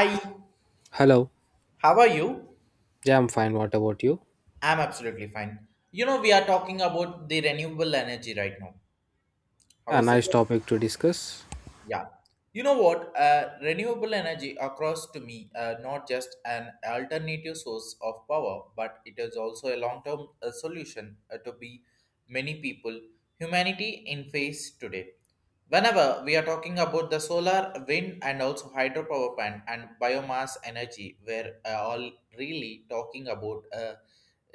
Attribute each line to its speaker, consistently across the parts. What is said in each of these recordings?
Speaker 1: Hi,
Speaker 2: Hello.
Speaker 1: how are you?
Speaker 2: Yeah, I'm fine. What about you?
Speaker 1: I'm absolutely fine. You know, we are talking about the renewable energy right now. How
Speaker 2: Yeah,
Speaker 1: is it?
Speaker 2: nice topic to discuss.
Speaker 1: Yeah. You know what? Renewable energy across to me not just an alternative source of power, but it is also a long-term solution to be many people, humanity in face today. Whenever we are talking about the solar, wind, and also hydropower plant and biomass energy, we're all really talking about uh,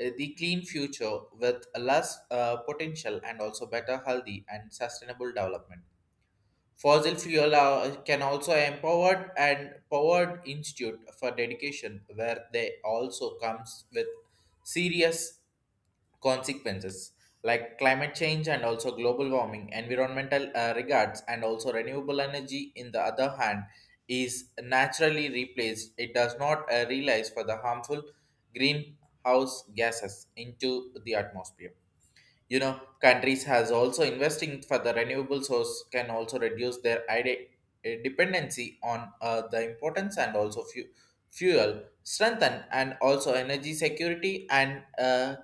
Speaker 1: uh, the clean future with less potential and also better healthy and sustainable development. Fossil fuel can also empowered and powered institute for dedication, where they also comes with serious consequences like climate change and also global warming, environmental regards, and also renewable energy. In the other hand, is naturally replaced. It does not realize for the harmful greenhouse gases into the atmosphere, you know countries has also investing for the renewable source can also reduce their dependency on the importance and also fuel strengthen and also energy security and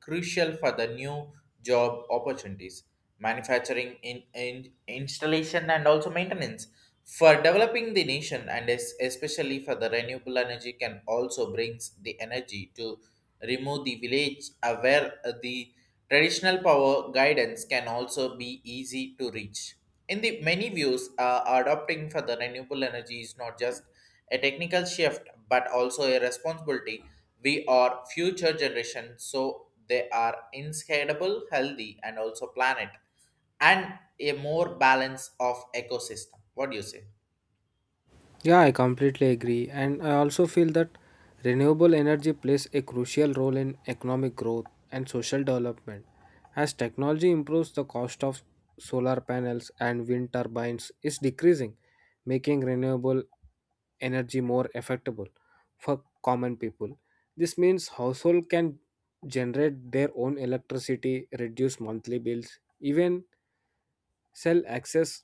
Speaker 1: crucial for the new job opportunities, manufacturing, in installation, and also maintenance. For developing the nation and especially for the renewable energy can also brings the energy to remove the village where the traditional power guidance can also be easy to reach. In the many views, adopting for the renewable energy is not just a technical shift but also a responsibility we are future generation so they are inscalable healthy and also planet and a more balance of ecosystem. What do you say?
Speaker 2: Yeah, I completely agree. And I also feel that renewable energy plays a crucial role in economic growth and social development. As technology improves, the cost of solar panels and wind turbines is decreasing, making renewable energy more affordable for common people. This means household can generate their own electricity, reduce monthly bills, even cell access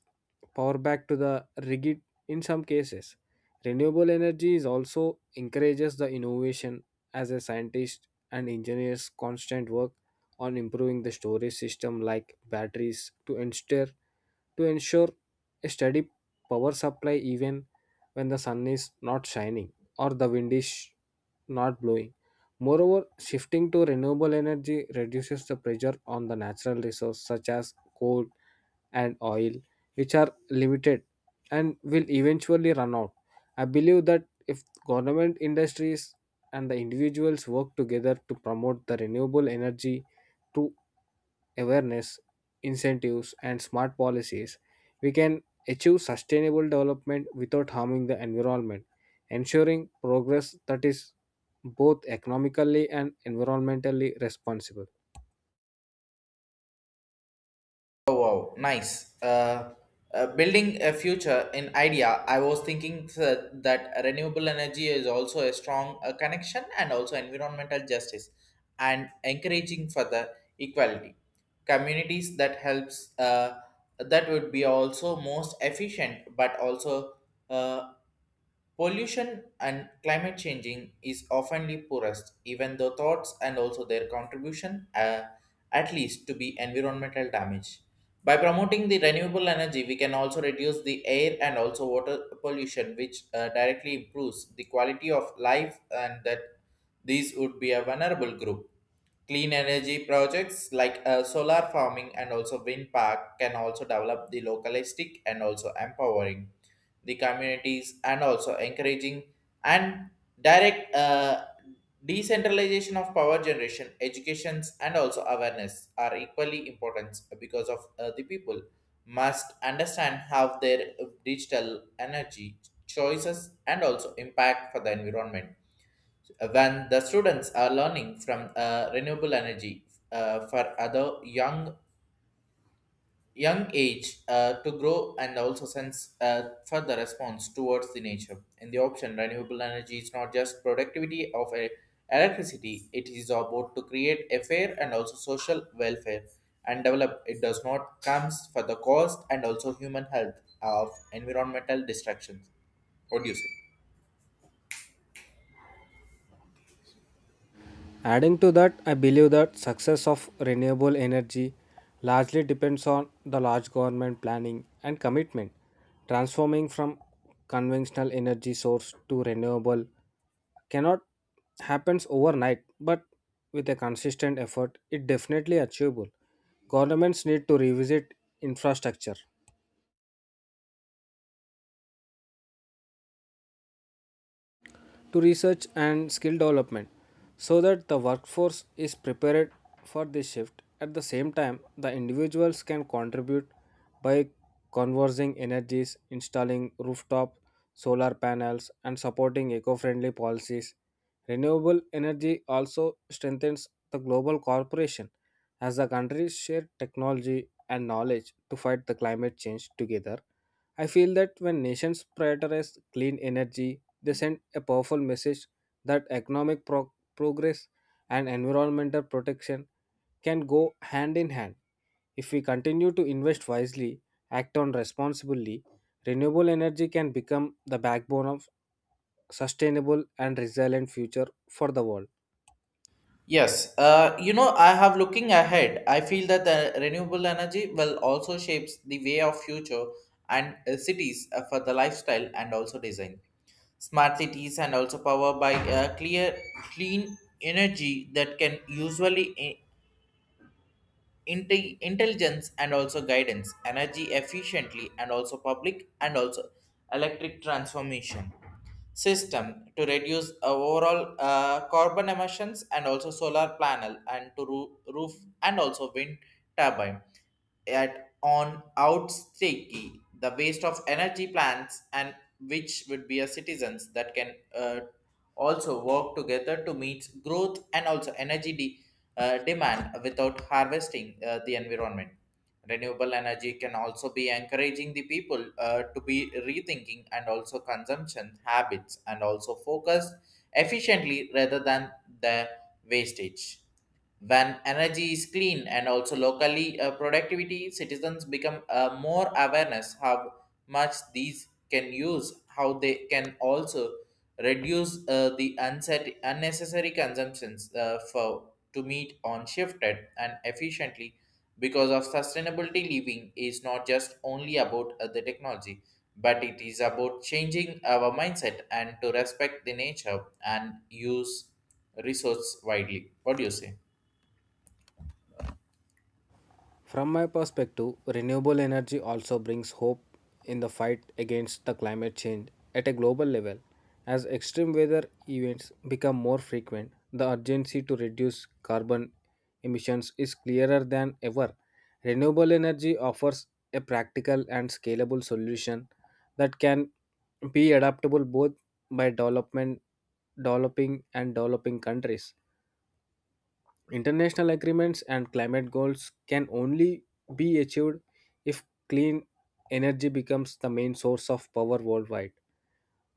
Speaker 2: power back to the rigid in some cases. Renewable energy is also encourages the innovation as a scientist and engineers constant work on improving the storage system like batteries to ensure a steady power supply even when the sun is not shining or the wind is not blowing. Moreover, shifting to renewable energy reduces the pressure on the natural resources such as coal and oil, which are limited and will eventually run out. I believe that if government industries and the individuals work together to promote the renewable energy through awareness, incentives, and smart policies, we can achieve sustainable development without harming the environment, ensuring progress that is both economically and environmentally responsible.
Speaker 1: Oh, wow, nice. Building a future in idea, I was thinking that renewable energy is also a strong connection and also environmental justice and encouraging further equality communities that helps that would be also most efficient but also uh, pollution and climate changing is often the poorest, even though thoughts and also their contribution at least to be environmental damage. By promoting the renewable energy, we can also reduce the air and also water pollution, which directly improves the quality of life and that these would be a vulnerable group. Clean energy projects like solar farming and also wind park can also develop the localistic and also empowering the communities and also encouraging and direct decentralization of power generation, educations and also awareness are equally important because of the people must understand how their digital energy choices and also impact for the environment. When the students are learning from renewable energy for other young age to grow and also sense further response towards the nature in the option, renewable energy is not just productivity of a electricity, it is about to create a fair and also social welfare and develop it does not comes for the cost and also human health of environmental destructions. What do you say?
Speaker 2: Adding to that, I believe that success of renewable energy largely depends on the large government planning and commitment. Transforming from conventional energy source to renewable cannot happen overnight, but with a consistent effort, it definitely achievable. Governments need to revisit infrastructure, to research and skill development so that the workforce is prepared for this shift. At the same time, the individuals can contribute by conversing energies, installing rooftop solar panels, and supporting eco friendly policies. Renewable energy also strengthens the global cooperation as the countries share technology and knowledge to fight the climate change together. I feel that when nations prioritize clean energy, they send a powerful message that progress and environmental protection can go hand in hand. If we continue to invest wisely, act on responsibly, renewable energy can become the backbone of sustainable and resilient future for the world.
Speaker 1: Yes, you know, I have looking ahead. I feel that the renewable energy will also shapes the way of future and cities for the lifestyle and also design. Smart cities and also power by clean energy that can usually intelligence and also guidance, energy efficiently and also public and also electric transformation system to reduce overall carbon emissions and also solar panel and to roof and also wind turbine at on outstaking the waste of energy plants and which would be a citizens that can also work together to meet growth and also energy demand without harvesting the environment. Renewable energy can also be encouraging the people to be rethinking and also consumption habits and also focus efficiently rather than the wastage. When energy is clean and also locally productivity, citizens become more awareness how much these can use, how they can also reduce the unnecessary consumptions for to meet on shifted and efficiently because of sustainability living is not just only about the technology, but it is about changing our mindset and to respect the nature and use resource widely. What do you say?
Speaker 2: From my perspective, renewable energy also brings hope in the fight against the climate change at a global level. As extreme weather events become more frequent, the urgency to reduce carbon emissions is clearer than ever. Renewable energy offers a practical and scalable solution that can be adaptable both by development, developing and developing countries. International agreements and climate goals can only be achieved if clean energy becomes the main source of power worldwide.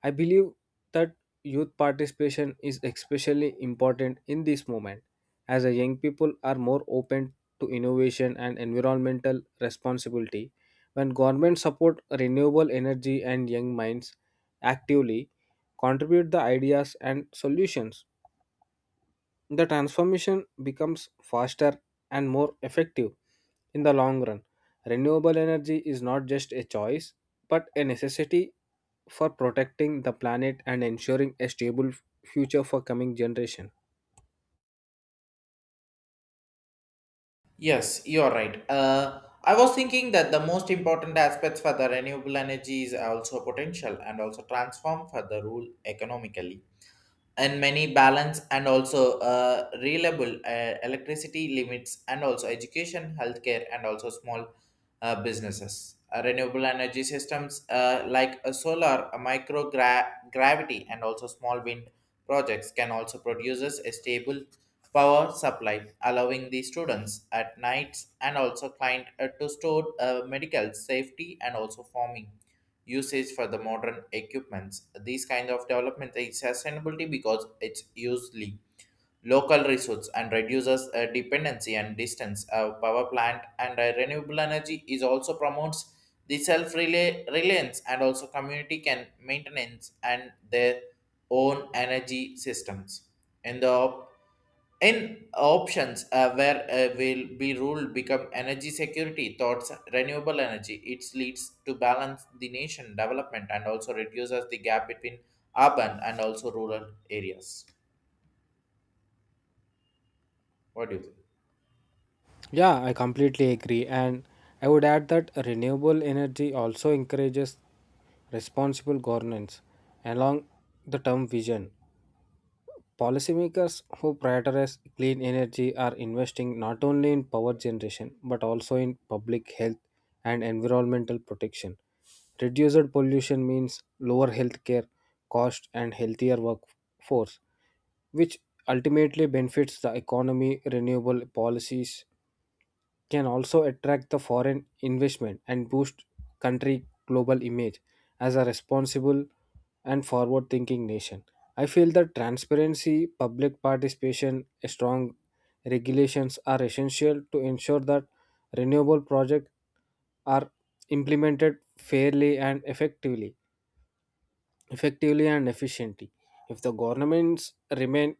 Speaker 2: I believe that youth participation is especially important in this moment, as the young people are more open to innovation and environmental responsibility. When governments support renewable energy and young minds actively, contribute the ideas and solutions, the transformation becomes faster and more effective in the long run. Renewable energy is not just a choice, but a necessity for protecting the planet and ensuring a stable future for coming generation.
Speaker 1: Yes, you're right. I was thinking that the most important aspects for the renewable energy is also potential and also transform for the rule economically and many balance and also reliable electricity limits and also education healthcare and also small businesses. Renewable energy systems like a solar a micro gravity and also small wind projects can also produces a stable power supply allowing the students at nights and also client to store medical safety and also farming usage for the modern equipments. These kind of development is sustainability because it's usually local resource and reduces dependency and distance. Power plant and renewable energy is also promotes the self reliance and also community can maintenance and their own energy systems. In the in options where will be ruled become energy security thoughts, renewable energy, it leads to balance the nation development and also reduces the gap between urban and also rural areas. What do you think?
Speaker 2: Yeah, I completely agree. And I would add that renewable energy also encourages responsible governance along the term vision. Policymakers who prioritize clean energy are investing not only in power generation but also in public health and environmental protection. Reduced pollution means lower healthcare cost and healthier workforce, which ultimately benefits the economy. Renewable policies can also attract the foreign investment and boost country global image as a responsible and forward thinking nation. I feel that transparency, public participation, strong regulations are essential to ensure that renewable projects are implemented fairly and effectively and efficiently. If the governments remain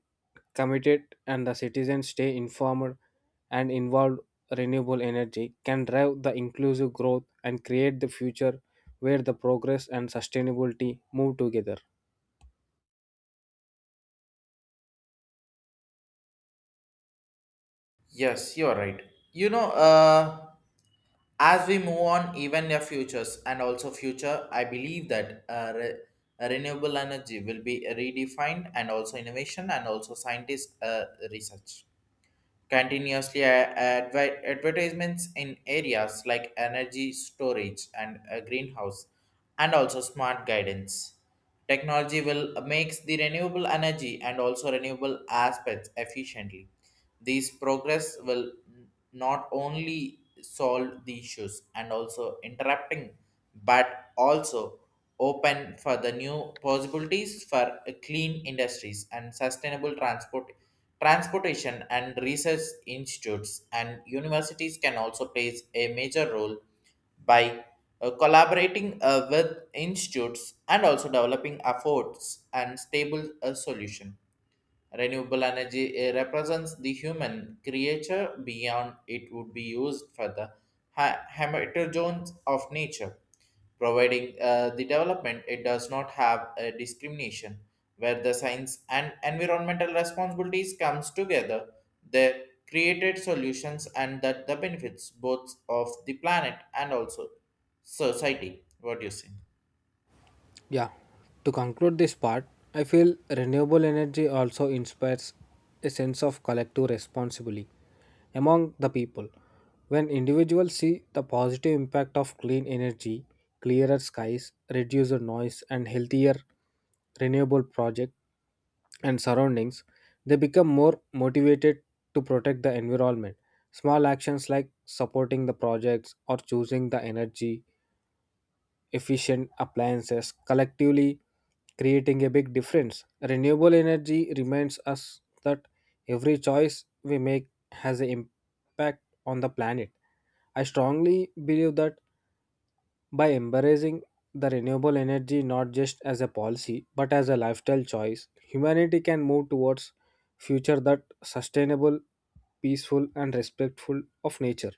Speaker 2: committed and the citizens stay informed and involved, renewable energy can drive the inclusive growth and create the future where the progress and sustainability move together.
Speaker 1: Yes, you are right. You know, as we move on, even the futures and also future, I believe that renewable energy will be redefined and also innovation and also scientist research continuously advertisements in areas like energy storage and a greenhouse and also smart guidance technology will makes the renewable energy and also renewable aspects efficiently. These progress will not only solve the issues and also interrupting but also open for the new possibilities for a clean industries and sustainable transportation and research institutes and universities can also play a major role by collaborating with institutes and also developing efforts and stable solution. Renewable energy represents the human creature beyond it would be used for the heterogeneity of nature, providing the development, it does not have a discrimination where the science and environmental responsibilities comes together. They created solutions and that the benefits both of the planet and also society. What do you say?
Speaker 2: Yeah, to conclude this part, I feel renewable energy also inspires a sense of collective responsibility among the people. When individuals see the positive impact of clean energy, clearer skies, reduced noise, and healthier renewable projects and surroundings, they become more motivated to protect the environment. Small actions like supporting the projects or choosing the energy efficient appliances, collectively creating a big difference. Renewable energy reminds us that every choice we make has an impact on the planet. I strongly believe that by embracing the renewable energy not just as a policy but as a lifestyle choice, humanity can move towards future that sustainable, peaceful and respectful of nature.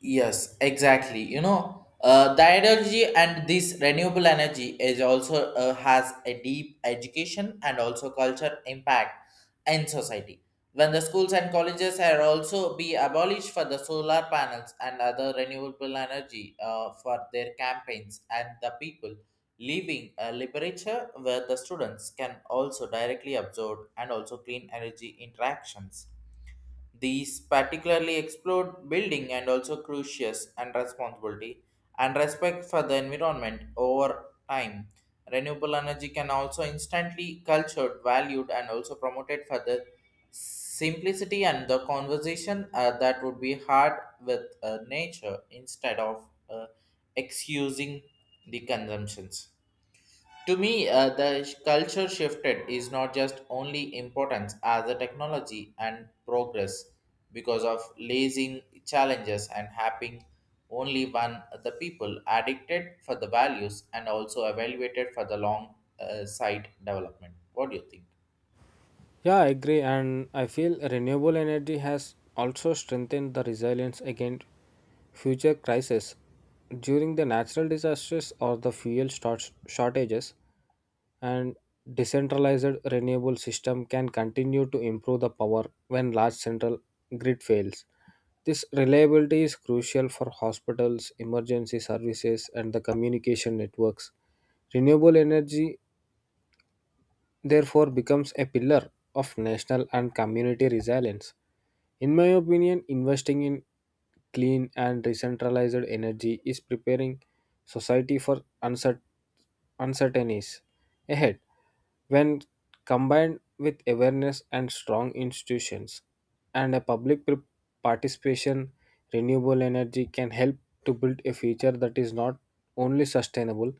Speaker 1: Yes, exactly. You know, the ideology and this renewable energy is also has a deep education and also culture impact in society. When the schools and colleges are also be abolished for the solar panels and other renewable energy for their campaigns and the people, leaving a literature where the students can also directly absorb and also clean energy interactions, these particularly explored building and also crucius and responsibility and respect for the environment over time. Renewable energy can also instantly cultured, valued, and also promoted for the simplicity and the conversation that would be hard with nature instead of excusing the consumptions. To me, the culture shifted is not just only importance as the technology and progress because of lazing challenges and having only one the people addicted for the values and also evaluated for the long side development. What do you think?
Speaker 2: Yeah, I agree, and I feel renewable energy has also strengthened the resilience against future crises during the natural disasters or the shortages. And decentralized renewable system can continue to improve the power when large central grid fails. This reliability is crucial for hospitals, emergency services, and the communication networks. Renewable energy therefore becomes a pillar of national and community resilience. In my opinion, investing in clean and decentralized energy is preparing society for uncertainties ahead. When combined with awareness and strong institutions and a participation, renewable energy can help to build a future that is not only sustainable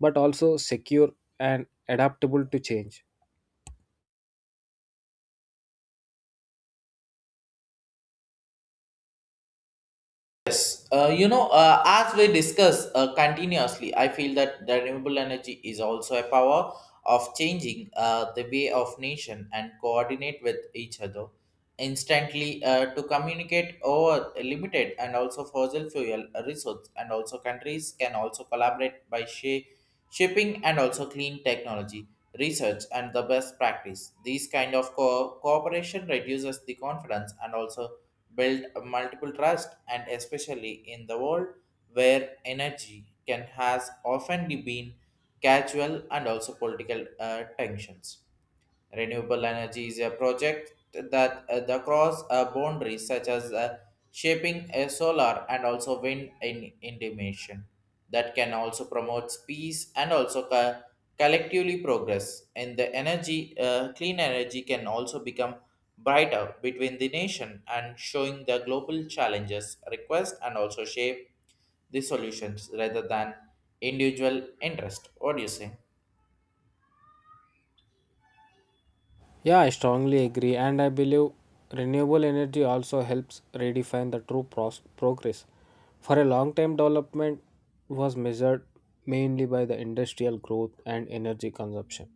Speaker 2: but also secure and adaptable to change.
Speaker 1: Yes, you know, as we discuss continuously, I feel that the renewable energy is also a power of changing the way of nation and coordinate with each other instantly to communicate over limited and also fossil fuel resource and also countries can also collaborate by shipping and also clean technology research and the best practice. These kind of cooperation reduces the confidence and also build multiple trust and especially in the world where energy can has often been casual and also political tensions. Renewable energy is a project that the cross boundaries such as shaping a solar and also wind in intimation that can also promote peace and also collectively progress and the energy clean energy can also become brighter between the nation and showing the global challenges request and also shape the solutions rather than individual interest. What do you say?
Speaker 2: Yeah, I strongly agree, and I believe renewable energy also helps redefine the progress. For a long time, development was measured mainly by the industrial growth and energy consumption,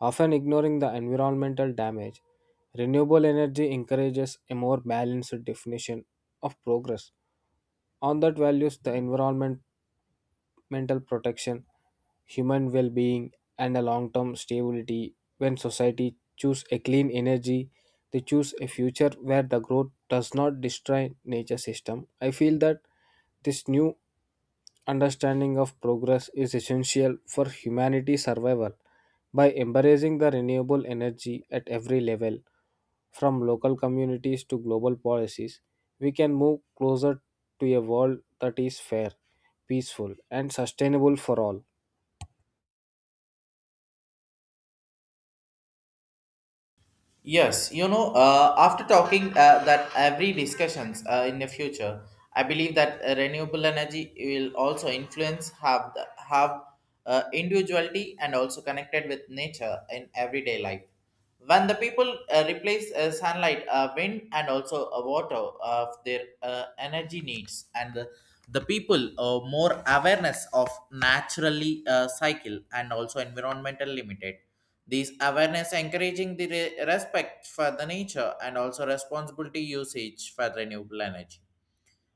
Speaker 2: often ignoring the environmental damage. Renewable energy encourages a more balanced definition of progress. On that values the environment mental protection, human well-being, and a long-term stability. When society choose a clean energy, they choose a future where the growth does not destroy nature system. I feel that this new understanding of progress is essential for humanity's survival. By embracing the renewable energy at every level, from local communities to global policies, we can move closer to a world that is fair, peaceful, and sustainable for all.
Speaker 1: Yes, you know, after talking that every discussions in the future, I believe that renewable energy will also influence have individuality and also connected with nature in everyday life. When the people replace sunlight, wind, and also water of their energy needs, and the people more awareness of naturally cycle and also environmental limited, these awareness encouraging the respect for the nature and also responsibility usage for renewable energy.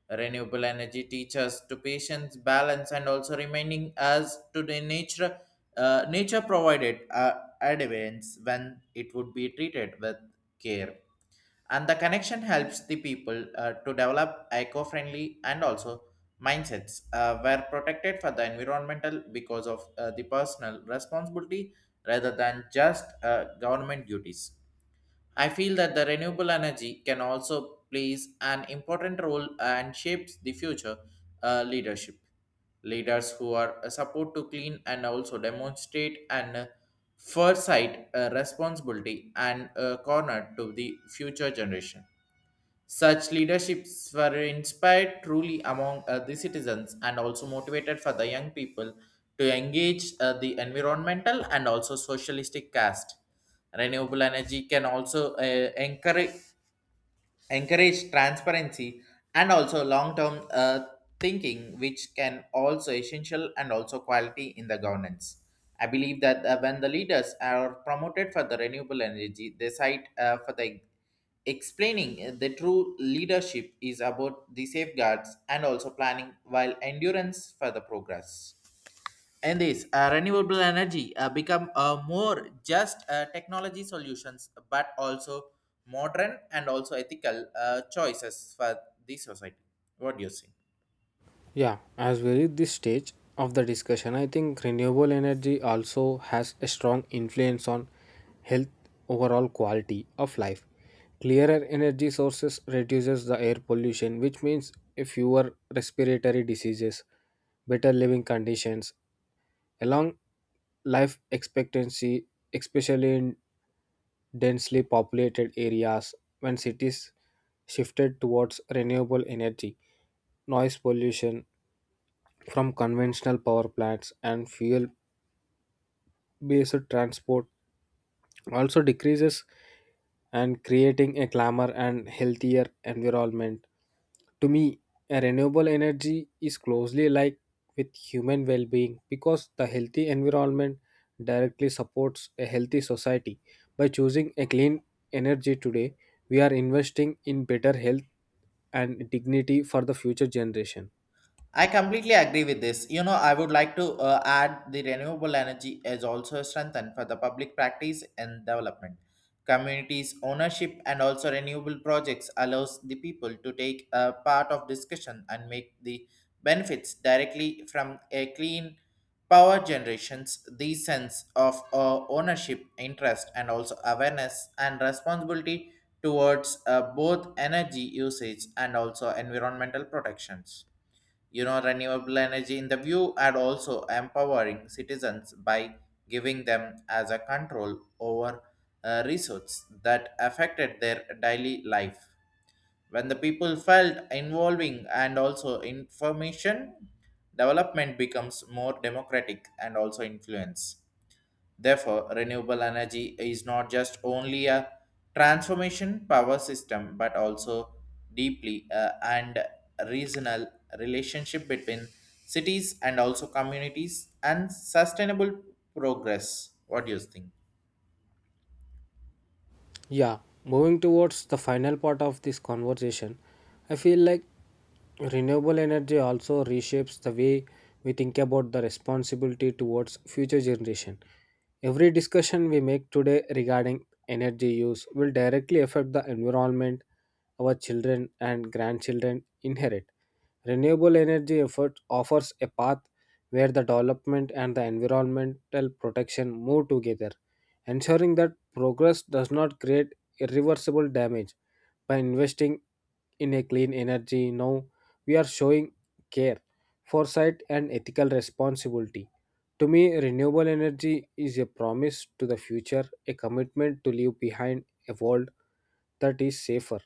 Speaker 1: Renewable energy teaches to patience, balance, and also remaining as to the nature, nature provided advance when it would be treated with care, and the connection helps the people to develop eco-friendly and also mindsets were protected for the environmental because of the personal responsibility rather than just government duties. I feel that the renewable energy can also plays an important role and shapes the future leadership. Leaders who are a support to clean and also demonstrate an foresight, responsibility, and corner to the future generation. Such leaderships were inspired truly among the citizens and also motivated for the young people to engage the environmental and also socialistic caste. Renewable energy can also encourage transparency and also long-term thinking, which can also essential and also quality in the governance. I believe that when the leaders are promoted for the renewable energy, they cite for the explaining the true leadership is about the safeguards and also planning while endurance for the progress in this renewable energy become more just technology solutions but also modern and also ethical choices for the society. What do you think?
Speaker 2: Yeah, as we reach this stage of the discussion, I think renewable energy also has a strong influence on health overall quality of life. Clearer energy sources reduces the air pollution, which means fewer respiratory diseases, better living conditions, along life expectancy, especially in densely populated areas. When cities shifted towards renewable energy, noise pollution from conventional power plants and fuel based transport also decreases and creating a calmer and healthier environment. To me, a renewable energy is closely linked with human well being because the healthy environment directly supports a healthy society. By choosing a clean energy today, we are investing in better health and dignity for the future generation.
Speaker 1: I completely agree with this. You know, I would like to add the renewable energy is also strengthened for the public practice and development. Communities ownership and also renewable projects allows the people to take a part of discussion and make the benefits directly from a clean power generations. The sense of ownership, interest, and also awareness and responsibility towards both energy usage and also environmental protections. You know, renewable energy in the view and also empowering citizens by giving them as a control over resources that affected their daily life. When the people felt involving and also information, development becomes more democratic and also influence. Therefore, renewable energy is not just only a transformation power system but also deeply and regional relationship between cities and also communities and sustainable progress. What do you think?
Speaker 2: Yeah, moving towards the final part of this conversation, I feel like renewable energy also reshapes the way we think about the responsibility towards future generation. Every discussion we make today regarding energy use will directly affect the environment our children and grandchildren inherit. Renewable energy effort offers a path where the development and the environmental protection move together, ensuring that progress does not create irreversible damage. By investing in a clean energy now, we are showing care, foresight, and ethical responsibility. To me, renewable energy is a promise to the future, a commitment to leave behind a world that is safer,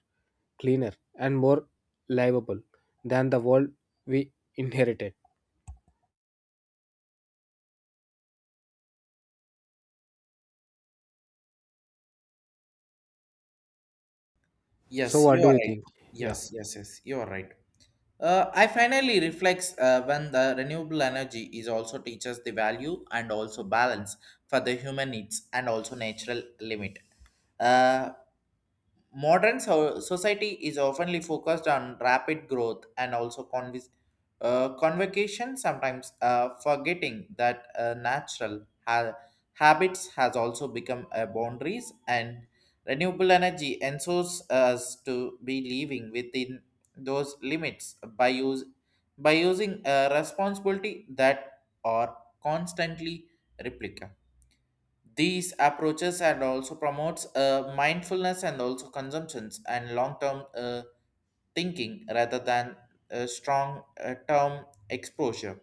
Speaker 2: cleaner, and more livable than the world we inherited. So,
Speaker 1: Yes,
Speaker 2: what
Speaker 1: you
Speaker 2: do
Speaker 1: are
Speaker 2: you
Speaker 1: right.
Speaker 2: think? Yeah.
Speaker 1: Yes, yes, yes, you are right. I finally reflects when the renewable energy is also teaches the value and also balance for the human needs and also natural limit. Uh, Modern society is oftenly focused on rapid growth and also convocation, sometimes forgetting that natural habits has also become boundaries and renewable energy ensures us to be living within those limits by use by using a responsibility that are constantly replica. These approaches and also promotes mindfulness and also consumptions and long-term thinking rather than strong term exposure.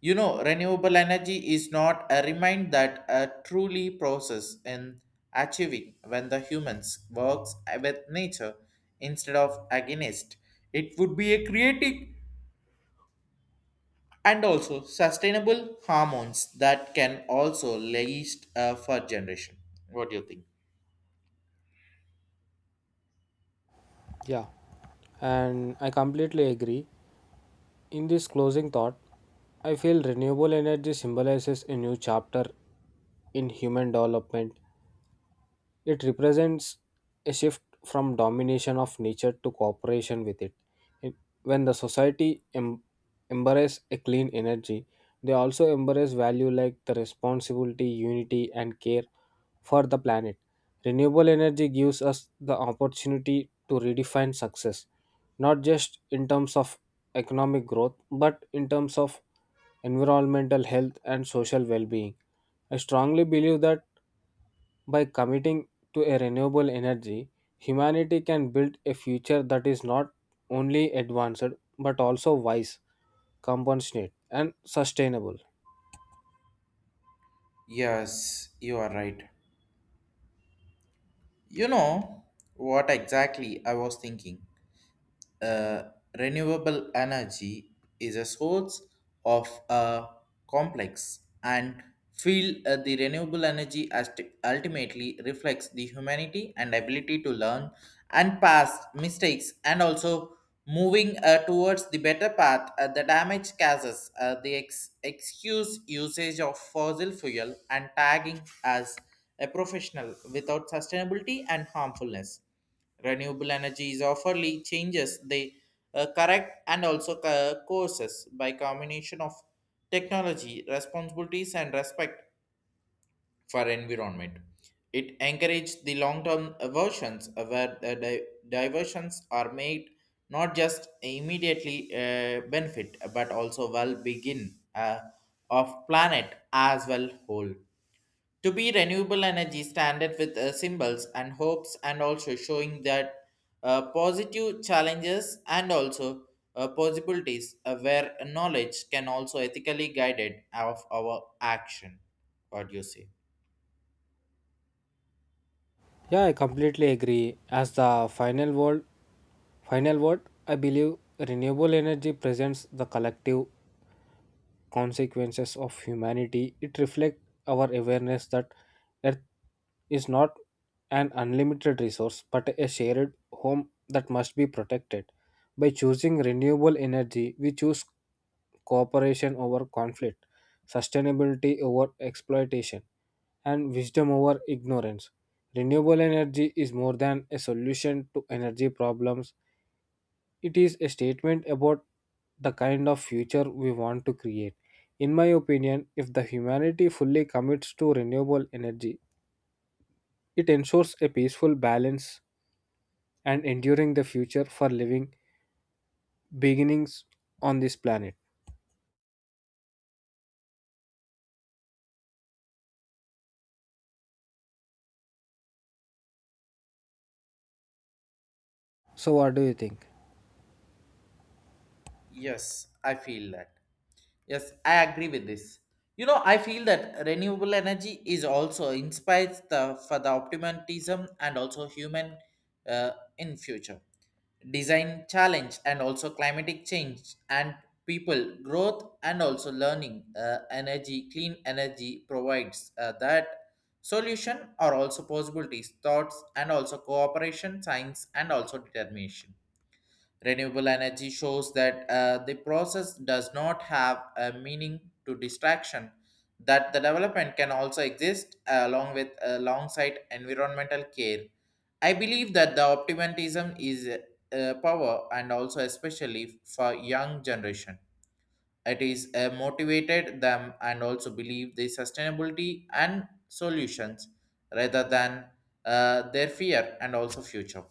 Speaker 1: You know, renewable energy is not a remind that a truly process in achieving when the humans works with nature instead of against. It would be a creative and also sustainable hormones that can also last for generation. What do you think?
Speaker 2: Yeah, and I completely agree. In this closing thought, I feel renewable energy symbolizes a new chapter in human development. It represents a shift from domination of nature to cooperation with it. It- When the society em- embrace a clean energy, they also embrace value like the responsibility, unity, and care for the planet. Renewable energy gives us the opportunity to redefine success, not just in terms of economic growth, but in terms of environmental health and social well being. I strongly believe that by committing to a renewable energy, humanity can build a future that is not only advanced but also wise, compassionate, and sustainable.
Speaker 1: Yes, you are right. You know what exactly I was thinking? uh, Renewable energy is a source of a complex and feel the renewable energy as ultimately reflects the humanity and ability to learn and pass mistakes and also moving towards the better path. The damage causes the excuse usage of fossil fuel and tagging as a professional without sustainability and harmfulness. Renewable energy is offerly changes they correct and also courses by combination of technology, responsibilities, and respect for environment. It encourages the long-term versions where the diversions are made not just immediately benefit but also well begin of planet as well whole to be renewable energy standard with symbols and hopes and also showing that positive challenges and also possibilities where knowledge can also ethically guided of our action. What do you say?
Speaker 2: Yeah, I completely agree. As the final word, I believe renewable energy presents the collective consequences of humanity, it reflects our awareness that Earth is not an unlimited resource but a shared home that must be protected. By choosing renewable energy, we choose cooperation over conflict, sustainability over exploitation, and wisdom over ignorance. Renewable energy is more than a solution to energy problems. It is a statement about the kind of future we want to create. In my opinion, if the humanity fully commits to renewable energy, it ensures a peaceful balance and enduring the future for living beginnings on this planet. So, what do you think?
Speaker 1: Yes, I feel that. Yes, I agree with this. You know, I feel that renewable energy is also inspires the for the optimism and also human uh, in future design challenge and also climatic change and people growth and also learning. Energy clean energy provides that solution are also possibilities thoughts and also cooperation science and also determination. Renewable energy shows that the process does not have a meaning to distraction, that the development can also exist along with alongside environmental care. I believe that the optimism is power and also especially for young generation. It is motivated them and also believe the sustainability and solutions rather than their fear and also future.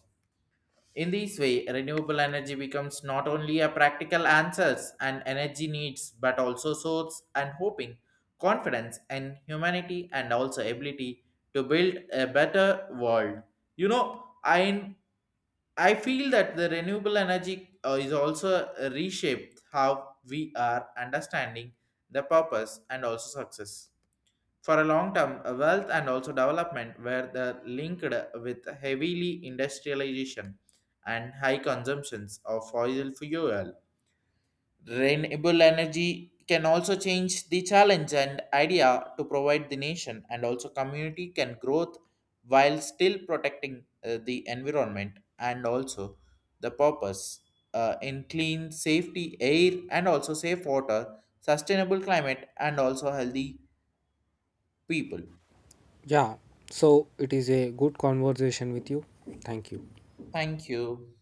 Speaker 1: In this way, renewable energy becomes not only a practical answers and energy needs, but also source and hoping, confidence and humanity, and also ability to build a better world. You know, I feel that the renewable energy is also reshaped how we are understanding the purpose and also success. For a long term, wealth and also development were the linked with heavily industrialization and high consumptions of fossil fuel. Renewable energy can also change the challenge and idea to provide the nation and also community can growth while still protecting the environment and also the purpose in clean safety air and also safe water, sustainable climate, and also healthy people.
Speaker 2: Yeah, so it is a good conversation with you. Thank you.
Speaker 1: Thank you.